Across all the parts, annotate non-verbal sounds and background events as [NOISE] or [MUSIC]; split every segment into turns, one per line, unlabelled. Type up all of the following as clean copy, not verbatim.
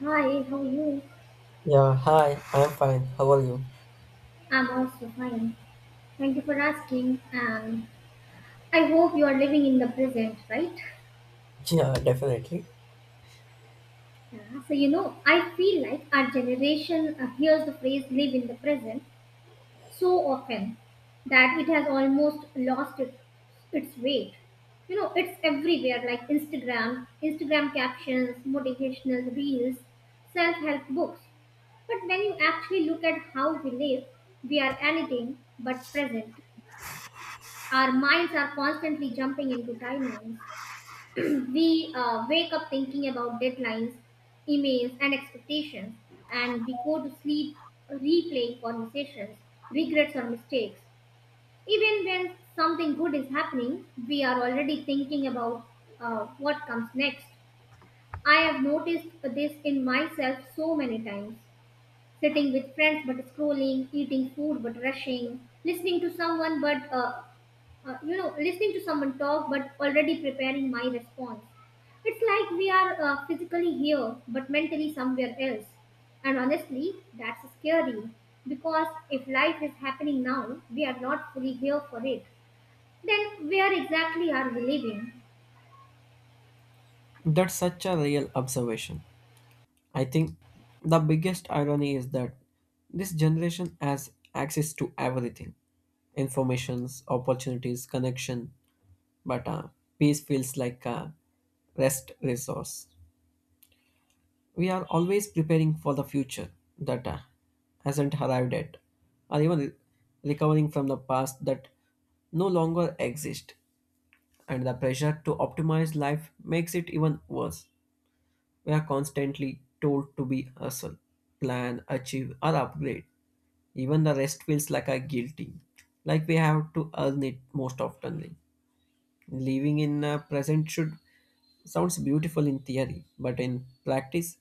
Hi, how are you?
Yeah, hi, I'm fine. How are you?
I'm also fine. Thank you for asking. And I hope you are living in the present, right?
Yeah, definitely.
Yeah. So, you know, I feel like our generation hears the phrase live in the present so often that it has almost lost its weight. You know, it's everywhere like Instagram captions, motivational reels, self help books. But when you actually look at how we live, we are anything but present. Our minds are constantly jumping into timelines. [CLEARS THROAT] We wake up thinking about deadlines, emails, and expectations, and we go to sleep replaying conversations, regrets, or mistakes. Even when something good is happening, we are already thinking about what comes next. I have noticed this in myself so many times. Sitting with friends but scrolling, eating food but rushing, listening to someone but listening to someone talk but already preparing my response. It's like we are physically here but mentally somewhere else. And honestly, that's scary because if life is happening now, we are not fully here for it. Then where exactly are we living?
That's such a real observation. I think the biggest irony is that this generation has access to everything informations, opportunities, connection, but peace feels like a rest resource. We are always preparing for the future that hasn't arrived yet, or even recovering from the past that no longer exists. And the pressure to optimize life makes it even worse. We are constantly told to be hustle, plan, achieve, or upgrade. Even the rest feels like a guilty, like we have to earn it most oftenly. Living in a present should sounds beautiful in theory, but in practice,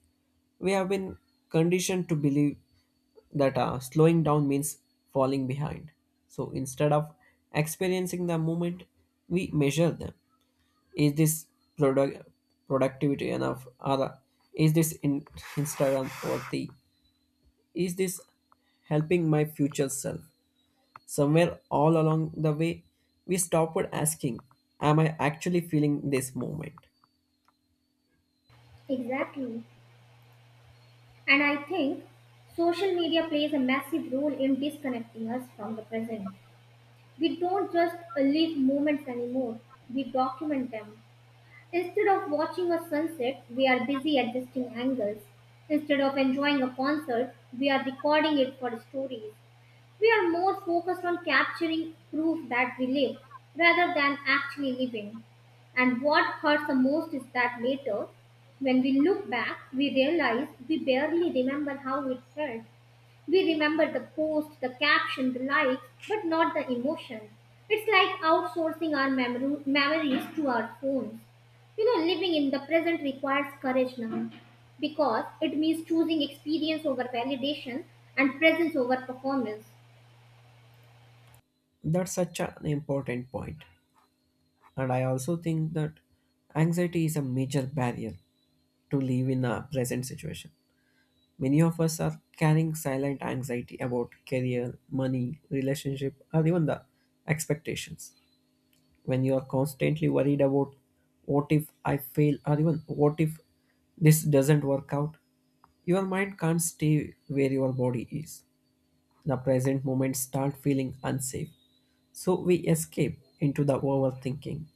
we have been conditioned to believe that slowing down means falling behind. So instead of experiencing the moment, we measure them. Is this product productivity enough? Or is this in Instagram worthy? Is this helping my future self? Somewhere all along the way, we stopped asking, am I actually feeling this moment?
Exactly. And I think social media plays a massive role in disconnecting us from the present. We don't just live moments anymore, we document them. Instead of watching a sunset, we are busy adjusting angles. Instead of enjoying a concert, we are recording it for stories. We are more focused on capturing proof that we live rather than actually living. And what hurts the most is that later, when we look back, we realize we barely remember how it felt. We remember the post, the caption, the likes, but not the emotion. It's like outsourcing our memories to our phones. You know, living in the present requires courage now because it means choosing experience over validation and presence over performance.
That's such an important point. And I also think that anxiety is a major barrier to live in a present situation. Many of us are carrying silent anxiety about career, money, relationship, or even the expectations. When you are constantly worried about what if I fail or even what if this doesn't work out, your mind can't stay where your body is. The present moment start feeling unsafe. So we escape into the overthinking,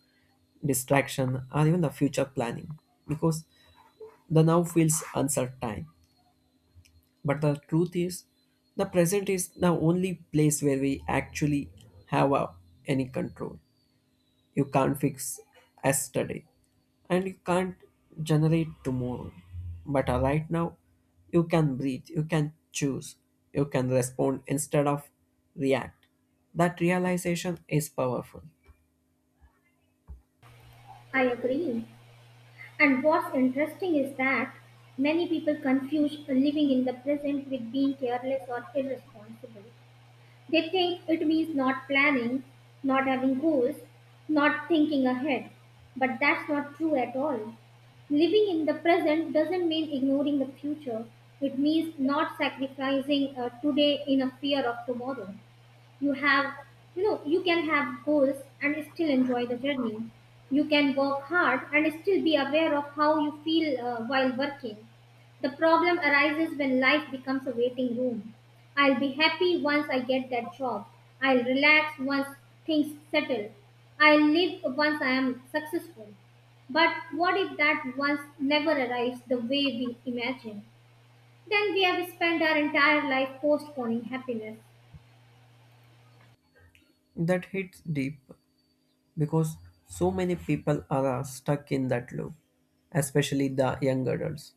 distraction, or even the future planning because the now feels uncertain. But the truth is, the present is the only place where we actually have any control. You can't fix yesterday, and you can't generate tomorrow. But right now, you can breathe, you can choose, you can respond instead of react. That realization is powerful.
I agree. And what's interesting is that many people confuse living in the present with being careless or irresponsible. They think it means not planning, not having goals, not thinking ahead. But that's not true at all. Living in the present doesn't mean ignoring the future. It means not sacrificing today in a fear of tomorrow. You have, you know, you can have goals and still enjoy the journey. You can work hard and still be aware of how you feel while working. The problem arises when life becomes a waiting room. I'll be happy once I get that job. I'll relax once things settle. I'll live once I am successful. But what if that once never arrives the way we imagine? Then we have spent our entire life postponing happiness.
That hits deep because so many people are stuck in that loop, especially the young adults.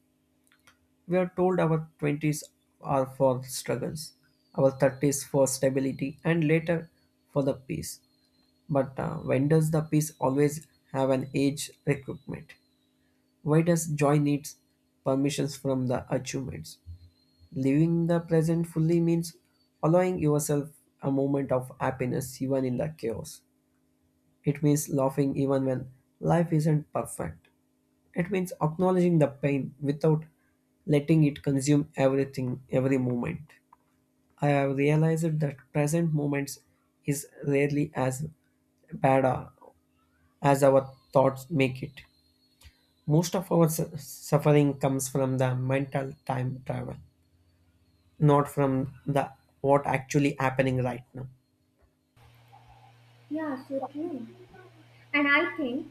We are told our 20s are for struggles, our 30s for stability, and later for the peace. But when does the piece always have an age requirement? Why does joy needs permissions from the achievements? Living the present fully means allowing yourself a moment of happiness even in the chaos. It means laughing even when life isn't perfect. It means acknowledging the pain without letting it consume everything, every moment. I have realized that present moments is rarely as bad as our thoughts make it. Most of our suffering comes from the mental time travel, not from the what actually happening right now.
Yeah, so true. And I think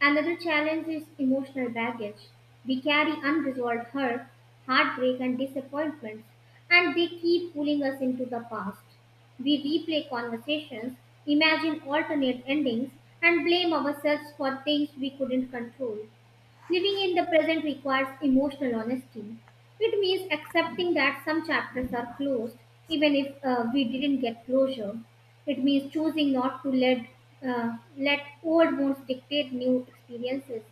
another challenge is emotional baggage. We carry unresolved hurt, heartbreak, and disappointments, and they keep pulling us into the past. We replay conversations, imagine alternate endings, and blame ourselves for things we couldn't control. Living in the present requires emotional honesty. It means accepting that some chapters are closed, even if we didn't get closure. It means choosing not to let old wounds dictate new experiences,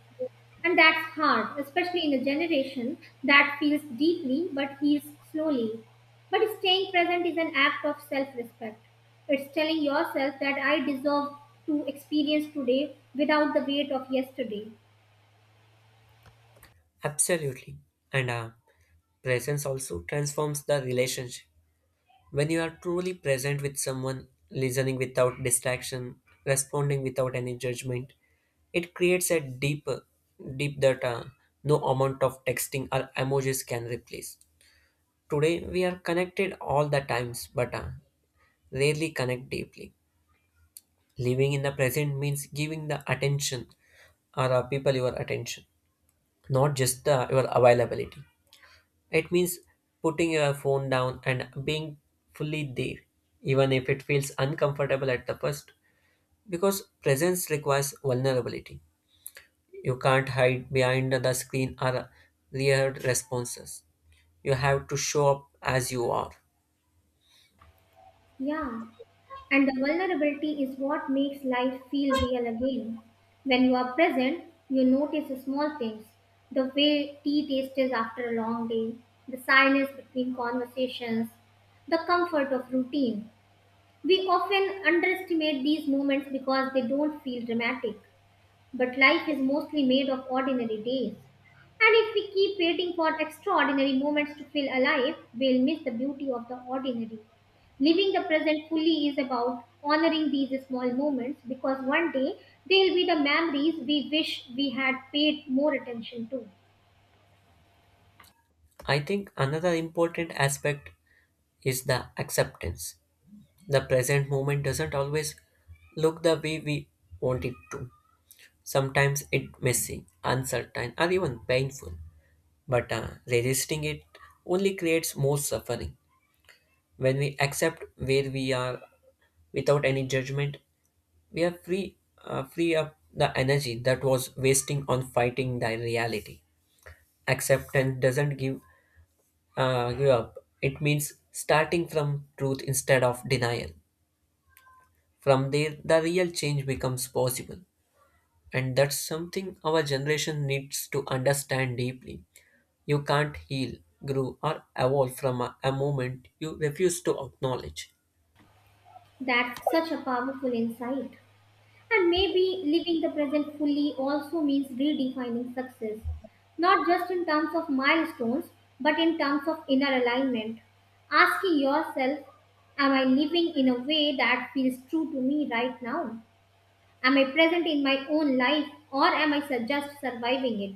and that's hard, especially in a generation that feels deeply but heals slowly. But staying present is an act of self-respect. It's telling yourself that I deserve to experience today without the weight of yesterday.
Absolutely. And presence also transforms the relationship. When you are truly present with someone, listening without distraction, responding without any judgment, it creates a deeper, deep that no amount of texting or emojis can replace. Today we are connected all the times, but rarely connect deeply. Living in the present means giving the attention or people your attention, not just your availability. It means putting your phone down and being fully there, even if it feels uncomfortable at the first, because presence requires vulnerability. You can't hide behind the screen or rehearsed responses. You have to show up as you are.
Yeah. And the vulnerability is what makes life feel real again. When you are present, you notice small things: the way tea tastes after a long day, the silence between conversations, the comfort of routine. We often underestimate these moments because they don't feel dramatic. But life is mostly made of ordinary days. And if we keep waiting for extraordinary moments to feel alive, we'll miss the beauty of the ordinary. Living the present fully is about honoring these small moments because one day they'll be the memories we wish we had paid more attention to.
I think another important aspect is the acceptance. The present moment doesn't always look the way we want it to. Sometimes it's messy, uncertain, or even painful. But resisting it only creates more suffering. When we accept where we are without any judgment, we are free up the energy that was wasting on fighting the reality. Acceptance doesn't give up. It means starting from truth instead of denial. From there, the real change becomes possible. And that's something our generation needs to understand deeply. You can't heal, grow, or evolve from a moment you refuse to acknowledge.
That's such a powerful insight. And maybe living the present fully also means redefining success, not just in terms of milestones, but in terms of inner alignment. Asking yourself, am I living in a way that feels true to me right now? Am I present in my own life or am just surviving it?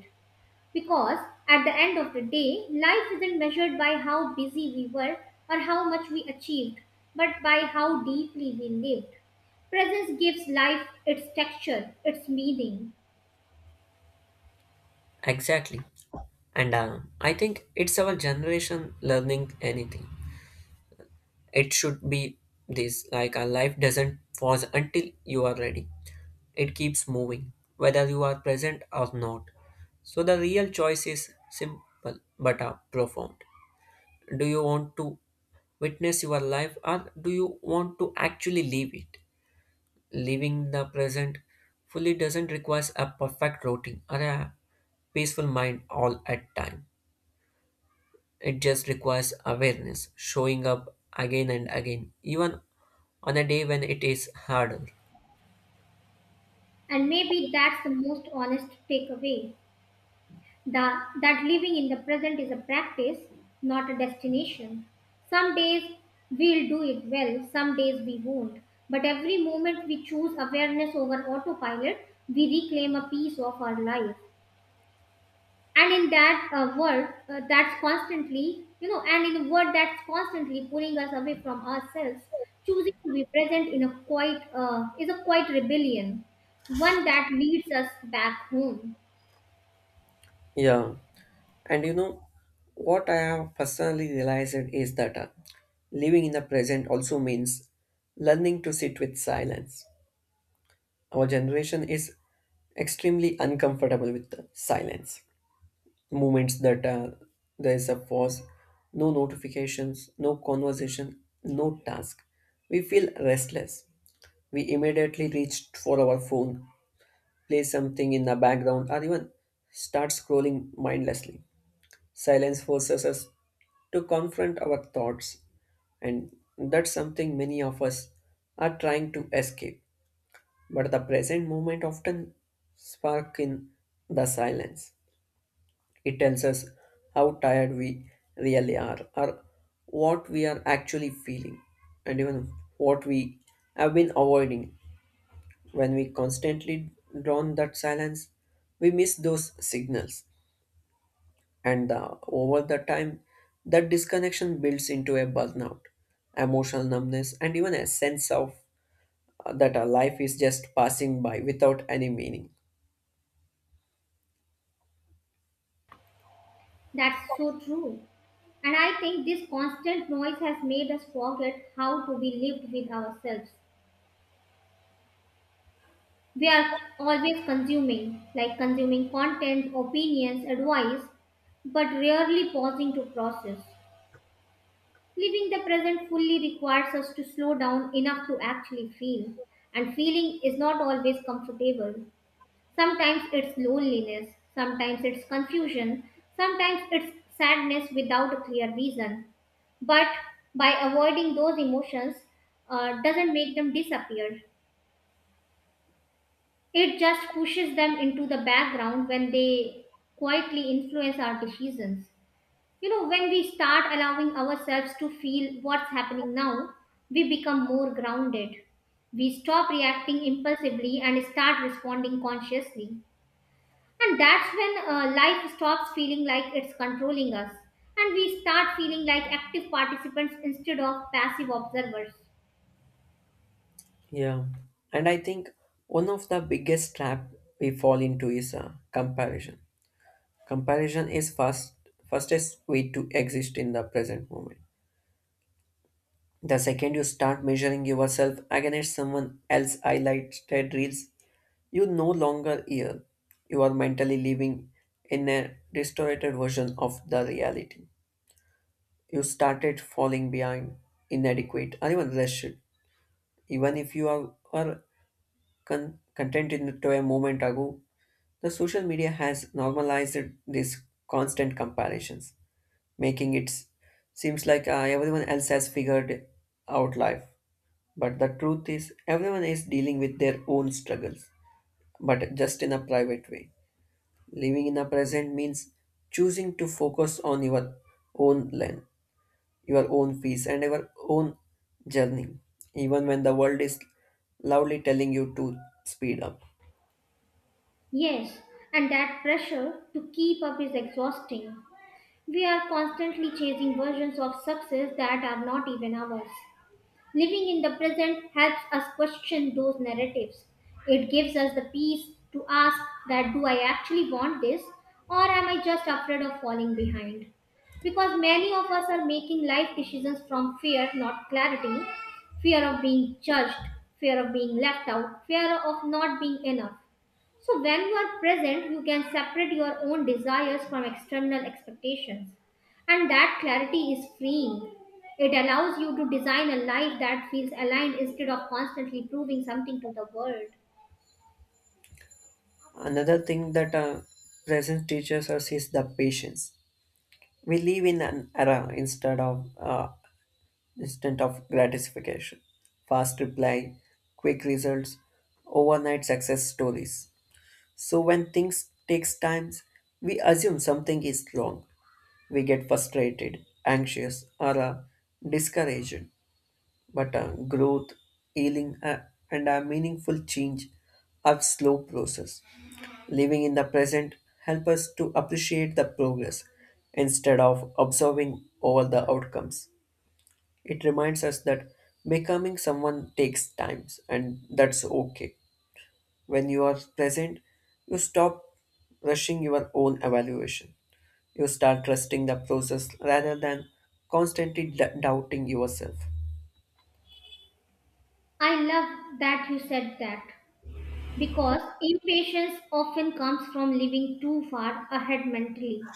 Because at the end of the day, life isn't measured by how busy we were or how much we achieved, but by how deeply we live. Presence gives life its texture, its meaning,
Exactly. And I think it's our generation learning anything. It should be this like a life doesn't pause until you are ready, it keeps moving, whether you are present or not. So the real choice is simple but profound. Do you want to witness your life or do you want to actually live it? Living the present fully doesn't require a perfect routine or a peaceful mind all at time. It just requires awareness, showing up again and again, even on a day when it is harder.
and maybe that's the most honest takeaway. That living in the present is a practice, not a destination. Some days we'll do it well, some days we won't. But every moment we choose awareness over autopilot, we reclaim a piece of our life. And in that world that's constantly you know and in a world that's constantly pulling us away from ourselves, choosing to be present in a quiet is a quiet rebellion, one that leads us back home.
Yeah. And you know, what I have personally realized is that living in the present also means learning to sit with silence. Our generation is extremely uncomfortable with the silence. Moments that there is a pause, no notifications, no conversation, no task. We feel restless. We immediately reach for our phone, play something in the background, or even start scrolling mindlessly. Silence forces us to confront our thoughts, and that's something many of us are trying to escape. But the present moment often spark in the silence. It tells us how tired we really are, or what we are actually feeling, and even what we have been avoiding. When we constantly drown that silence, we miss those signals, and over the time, that disconnection builds into a burnout, emotional numbness, and even a sense of that our life is just passing by without any meaning.
That's so true. And I think this constant noise has made us forget how to be lived with ourselves. We are always consuming content, opinions, advice, but rarely pausing to process. Living the present fully requires us to slow down enough to actually feel, and feeling is not always comfortable. Sometimes it's loneliness, sometimes it's confusion, sometimes it's sadness without a clear reason. But by avoiding those emotions, doesn't make them disappear. It just pushes them into the background when they quietly influence our decisions. You know, when we start allowing ourselves to feel what's happening now, we become more grounded. We stop reacting impulsively and start responding consciously. And that's when life stops feeling like it's controlling us. And we start feeling like active participants instead of passive observers.
Yeah, and I think one of the biggest trap we fall into is comparison. Comparison is first fastest way to exist in the present moment. The second you start measuring yourself against someone else highlighted reels, you no longer here. You are mentally living in a distorted version of the reality. You started falling behind, inadequate, or even rushed. Even if you are content in to a moment ago. The social media has normalized these constant comparisons, making it seems like everyone else has figured out life. But the truth is, everyone is dealing with their own struggles, but just in a private way. Living in the present means choosing to focus on your own lane, your own peace, and your own journey, even when the world is loudly telling you to speed up.
Yes, and that pressure to keep up is exhausting. We are constantly chasing versions of success that are not even ours. Living in the present helps us question those narratives. It gives us the peace to ask, that do I actually want this or am I just afraid of falling behind? Because many of us are making life decisions from fear, not clarity, fear of being judged, fear of being left out, fear of not being enough. So, when you are present, you can separate your own desires from external expectations. And that clarity is freeing. It allows you to design a life that feels aligned instead of constantly proving something to the world.
Another thing that present teaches us is the patience. We live in an era instead of instant of gratification, fast reply, quick results, overnight success stories. So when things takes times, we assume something is wrong. We get frustrated, anxious, or discouraged. But growth, healing, and a meaningful change are slow process. Living in the present help us to appreciate the progress instead of observing over the outcomes. It reminds us that becoming someone takes time, and that's okay. When you are present, you stop rushing your own evaluation. You start trusting the process rather than constantly doubting yourself.
I love that you said that because impatience often comes from living too far ahead mentally.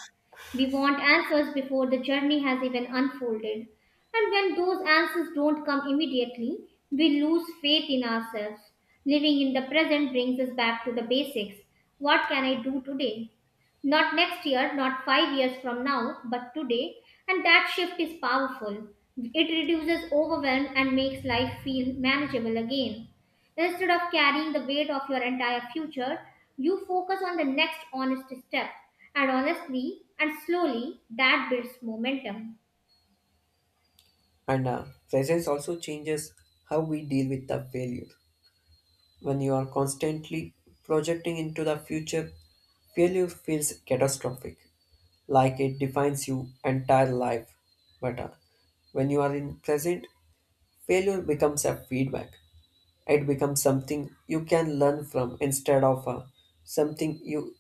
We want answers before the journey has even unfolded. And when those answers don't come immediately, we lose faith in ourselves. Living in the present brings us back to the basics. What can I do today? Not next year, not 5 years from now, but today. And that shift is powerful. It reduces overwhelm and makes life feel manageable again. Instead of carrying the weight of your entire future, you focus on the next honest step. And honestly and slowly, that builds momentum.
And presence also changes how we deal with the failure. When you are constantly projecting into the future, failure feels catastrophic, like it defines your entire life. But when you are in present, failure becomes a feedback. It becomes something you can learn from instead of something you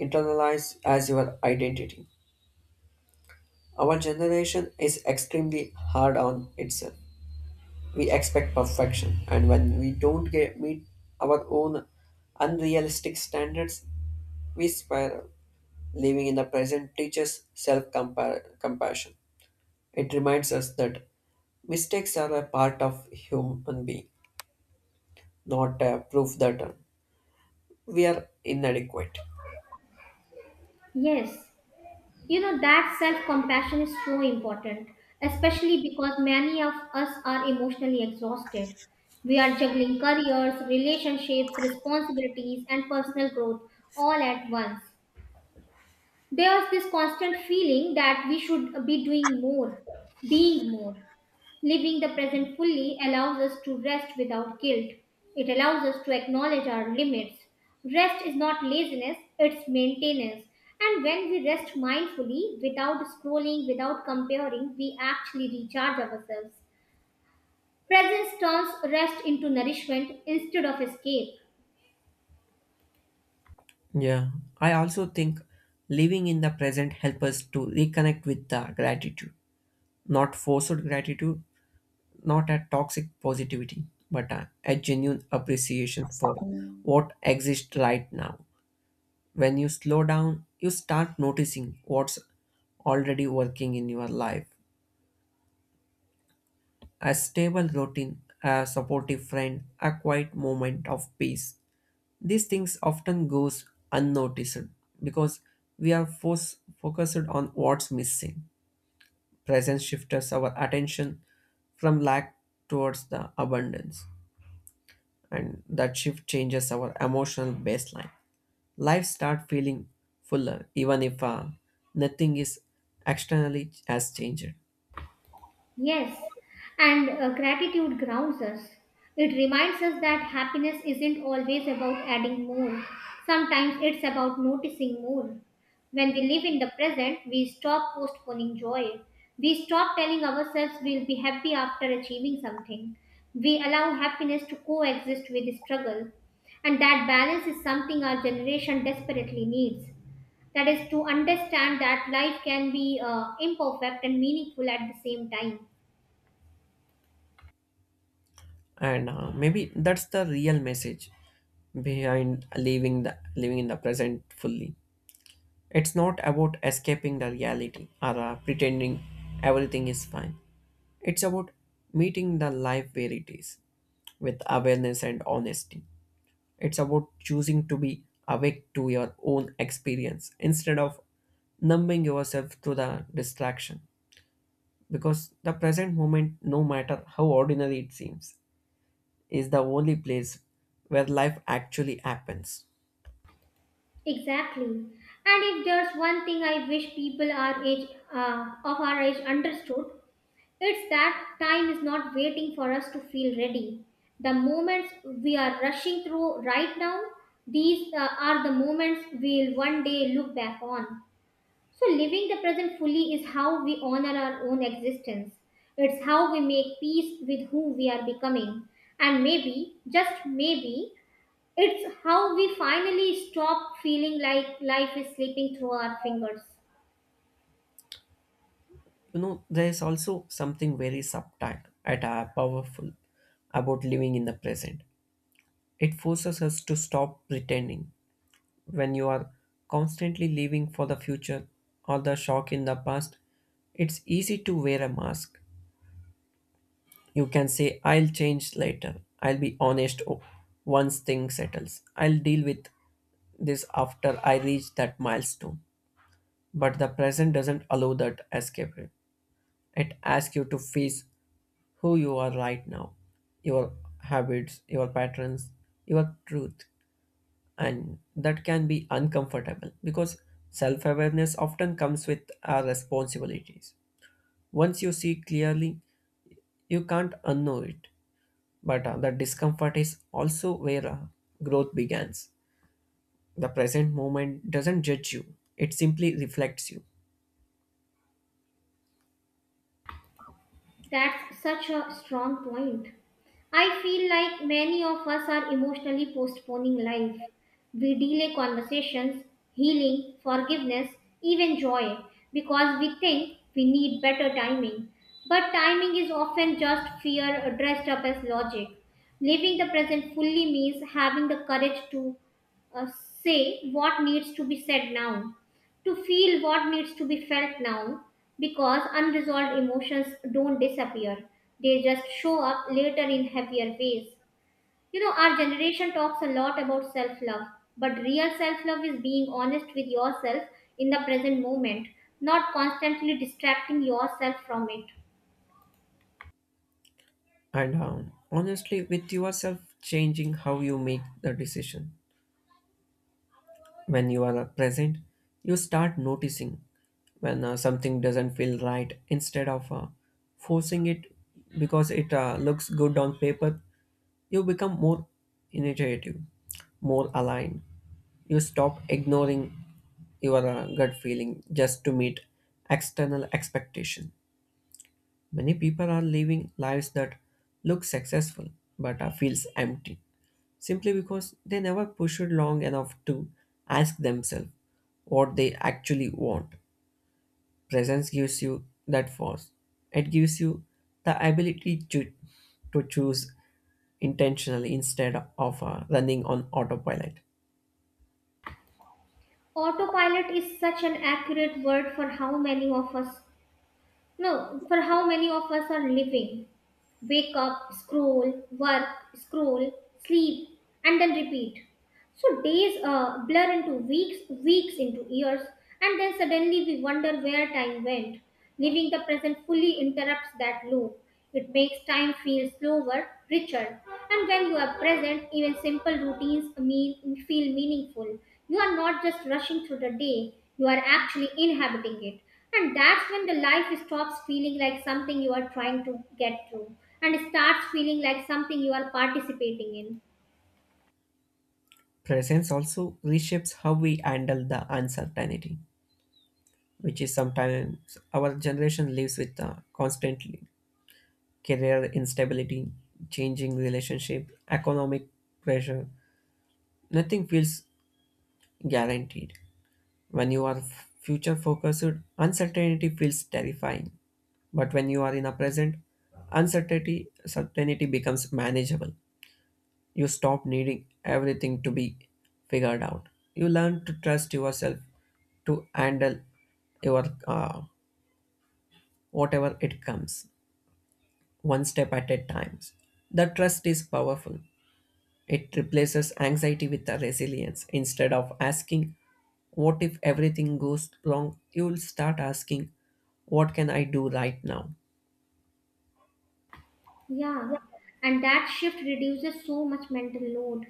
internalize as your identity. Our generation is extremely hard on itself. We expect perfection, and when we don't meet our own unrealistic standards, we spiral. Living in the present teaches self compassion. It reminds us that mistakes are a part of human being, not a proof that we are inadequate.
Yes, you know that self compassion is so important, especially because many of us are emotionally exhausted. We are juggling careers, relationships, responsibilities, and personal growth all at once. There's this constant feeling that we should be doing more, being more. Living the present fully allows us to rest without guilt. It allows us to acknowledge our limits. Rest is not laziness, it's maintenance. And when we rest mindfully, without scrolling, without comparing, we actually recharge ourselves. Presence turns rest into nourishment instead of escape.
Yeah, I also think living in the present helps us to reconnect with the gratitude, not forced gratitude, not a toxic positivity, but a genuine appreciation for what exists right now. When you slow down, you start noticing what's already working in your life. A stable routine, a supportive friend, a quiet moment of peace. These things often goes unnoticed because we are focused on what's missing. Presence shifts our attention from lack towards the abundance, and that shift changes our emotional baseline. Life start feeling fuller even if nothing is externally has changed.
Yes, and gratitude grounds us. It reminds us that happiness isn't always about adding more, sometimes it's about noticing more. When we live in the present, we stop postponing joy. We stop telling ourselves we'll be happy after achieving something. We allow happiness to coexist with struggle. And that balance is something our generation desperately needs. That is to understand that life can be imperfect and meaningful at the same time.
And maybe that's the real message behind living the living in the present fully. It's not about escaping the reality or pretending everything is fine. It's about meeting the life where it is with awareness and honesty. It's about choosing to be awake to your own experience instead of numbing yourself to the distraction, because the present moment, no matter how ordinary it seems, is the only place where life actually happens.
Exactly. And if there's one thing I wish people of our age, understood, it's that time is not waiting for us to feel ready. The moments we are rushing through right now, these are the moments we'll one day look back on. So, living the present fully is how we honor our own existence. It's how we make peace with who we are becoming. And maybe, just maybe, it's how we finally stop feeling like life is slipping through our fingers.
You know, there is also something very subtle and powerful about living in the present. It forces us to stop pretending. When you are constantly living for the future or the shock in the past, it's easy to wear a mask. You can say, I'll change later. I'll be honest once things settles. I'll deal with this after I reach that milestone. But the present doesn't allow that escape. It asks you to face who you are right now, your habits, your patterns, your truth. And that can be uncomfortable because self awareness often comes with our responsibilities. Once you see clearly, you can't unknow it. But the discomfort is also where growth begins. The present moment doesn't judge you, it simply reflects you.
That's such a strong point. I feel like many of us are emotionally postponing life. We delay conversations, healing, forgiveness, even joy because we think we need better timing. But timing is often just fear dressed up as logic. Living the present fully means having the courage to uh, say what needs to be said now, to feel what needs to be felt now, because unresolved emotions don't disappear. They just show up later in heavier ways. You know, our generation talks a lot about self love, but real self love is being honest with yourself in the present moment, not constantly distracting yourself from it.
And Honestly, with yourself changing how you make the decision. When you are present, you start noticing when something doesn't feel right instead of forcing it because it looks good on paper. You become more initiative, more aligned. You stop ignoring your gut feeling just to meet external expectation. Many people are living lives that look successful but are feels empty simply because they never pushed long enough to ask themselves what they actually want. Presence gives you that force. It gives you the ability to choose intentionally instead of running on autopilot.
Autopilot is such an accurate word for how many of us, no, for how many of us are living. Wake up, scroll, work, scroll, sleep, and then repeat. So days blur into weeks, weeks into years, and then suddenly we wonder where time went. Living the present fully interrupts that loop. It makes time feel slower, richer, and when you are present, even simple routines feel meaningful. You are not just rushing through the day, you are actually inhabiting it. And that's when the life stops feeling like something you are trying to get through and starts feeling like something you are participating in.
Presence also reshapes how we handle the uncertainty, which is sometimes our generation lives with constantly. Career instability, changing relationship, economic pressure. Nothing feels guaranteed. When you are future focused, uncertainty feels terrifying. But when you are in a present, uncertainty certainty becomes manageable. You stop needing everything to be figured out. You learn to trust yourself to handle your whatever it comes, one step at a time. The trust is powerful. It replaces anxiety with a resilience. Instead of asking, what if everything goes wrong? You will start asking, what can I do right now?
Yeah, and that shift reduces so much mental load.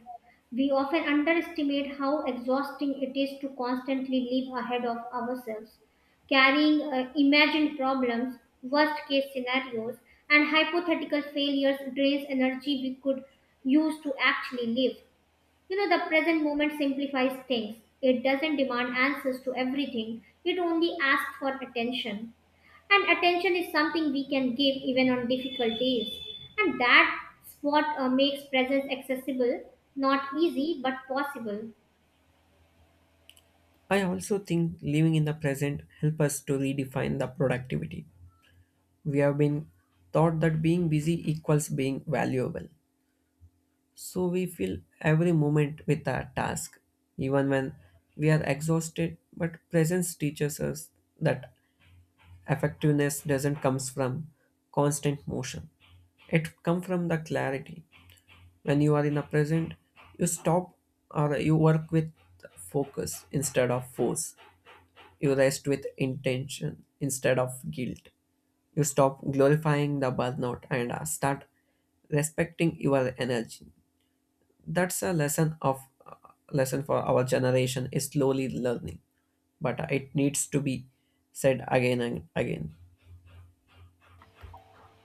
We often underestimate how exhausting it is to constantly live ahead of ourselves, carrying imagined problems, worst case scenarios, and hypothetical failures drains energy we could use to actually live. You know, the present moment simplifies things. It doesn't demand answers to everything, it only asks for attention. And attention is something we can give even on difficult days. And that's what makes presence accessible, not easy, but possible.
I also think living in the present helps us to redefine the productivity. We have been taught that being busy equals being valuable. So we fill every moment with a task, even when we are exhausted. But presence teaches us that effectiveness doesn't comes from constant motion. It comes from the clarity. When you are in the present, you stop or you work with focus instead of force. You rest with intention instead of guilt. You stop glorifying the burnout and start respecting your energy. That's a lesson for our generation is slowly learning, but it needs to be said again and again.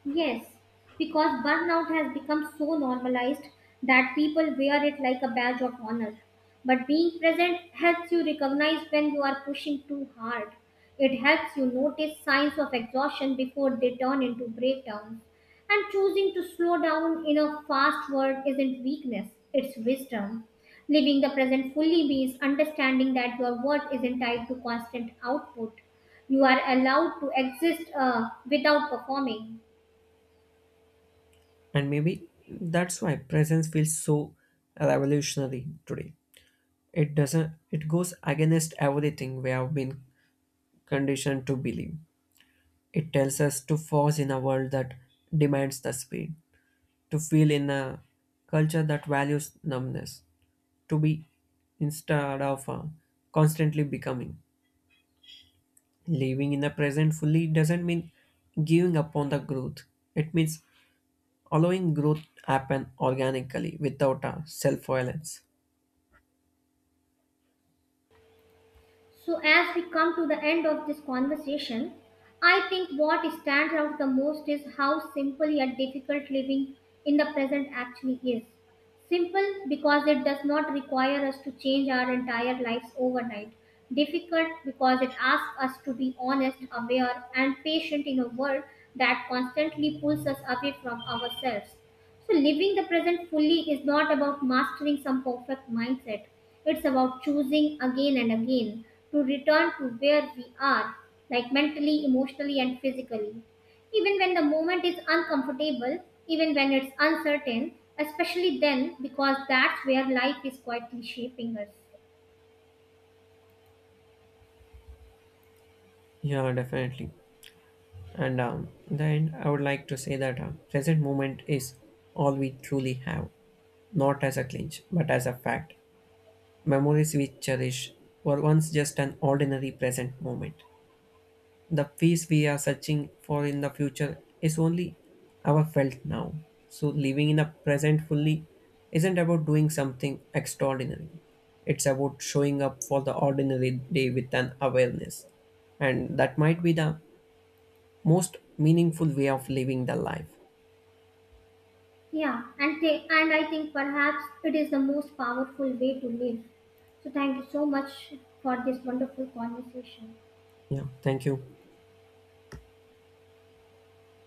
Yes, because burnout has become so normalized that people wear it like a badge of honor. But being present helps you recognize when you are pushing too hard. It helps you notice signs of exhaustion before they turn into breakdowns. And choosing to slow down in a fast world isn't weakness, it's wisdom. Living the present fully means understanding that your worth isn't tied to constant output. You are allowed to exist without performing.
And maybe that's why presence feels so revolutionary today. It doesn't it goes against everything we have been conditioned to believe. It tells us to force in a world that demands the speed, to feel in a culture that values numbness, to be instead of constantly becoming. Living in the present fully doesn't mean giving up on the growth. It means allowing growth happen organically without a self-violence.
So, as we come to the end of this conversation, I think what stands out the most is how simple yet difficult living in the present actually is. Simple because it does not require us to change our entire lives overnight. Difficult because it asks us to be honest, aware, and patient in a world that constantly pulls us away from ourselves. So, living the present fully is not about mastering some perfect mindset. It's about choosing again and again to return to where we are, like mentally, emotionally, and physically. Even when the moment is uncomfortable, even when it's uncertain, especially then, because that's where life is quietly shaping us.
Yeah, definitely. And then I would like to say that present moment is all we truly have, not as a clinch, but as a fact. Memories we cherish were once just an ordinary present moment. The peace we are searching for in the future is only our felt now. So living in the present fully isn't about doing something extraordinary. It's about showing up for the ordinary day with an awareness. And that might be the most meaningful way of living the life.
Yeah, and, and I think perhaps it is the most powerful way to live. So, thank you so much for this wonderful conversation.
Yeah, thank you.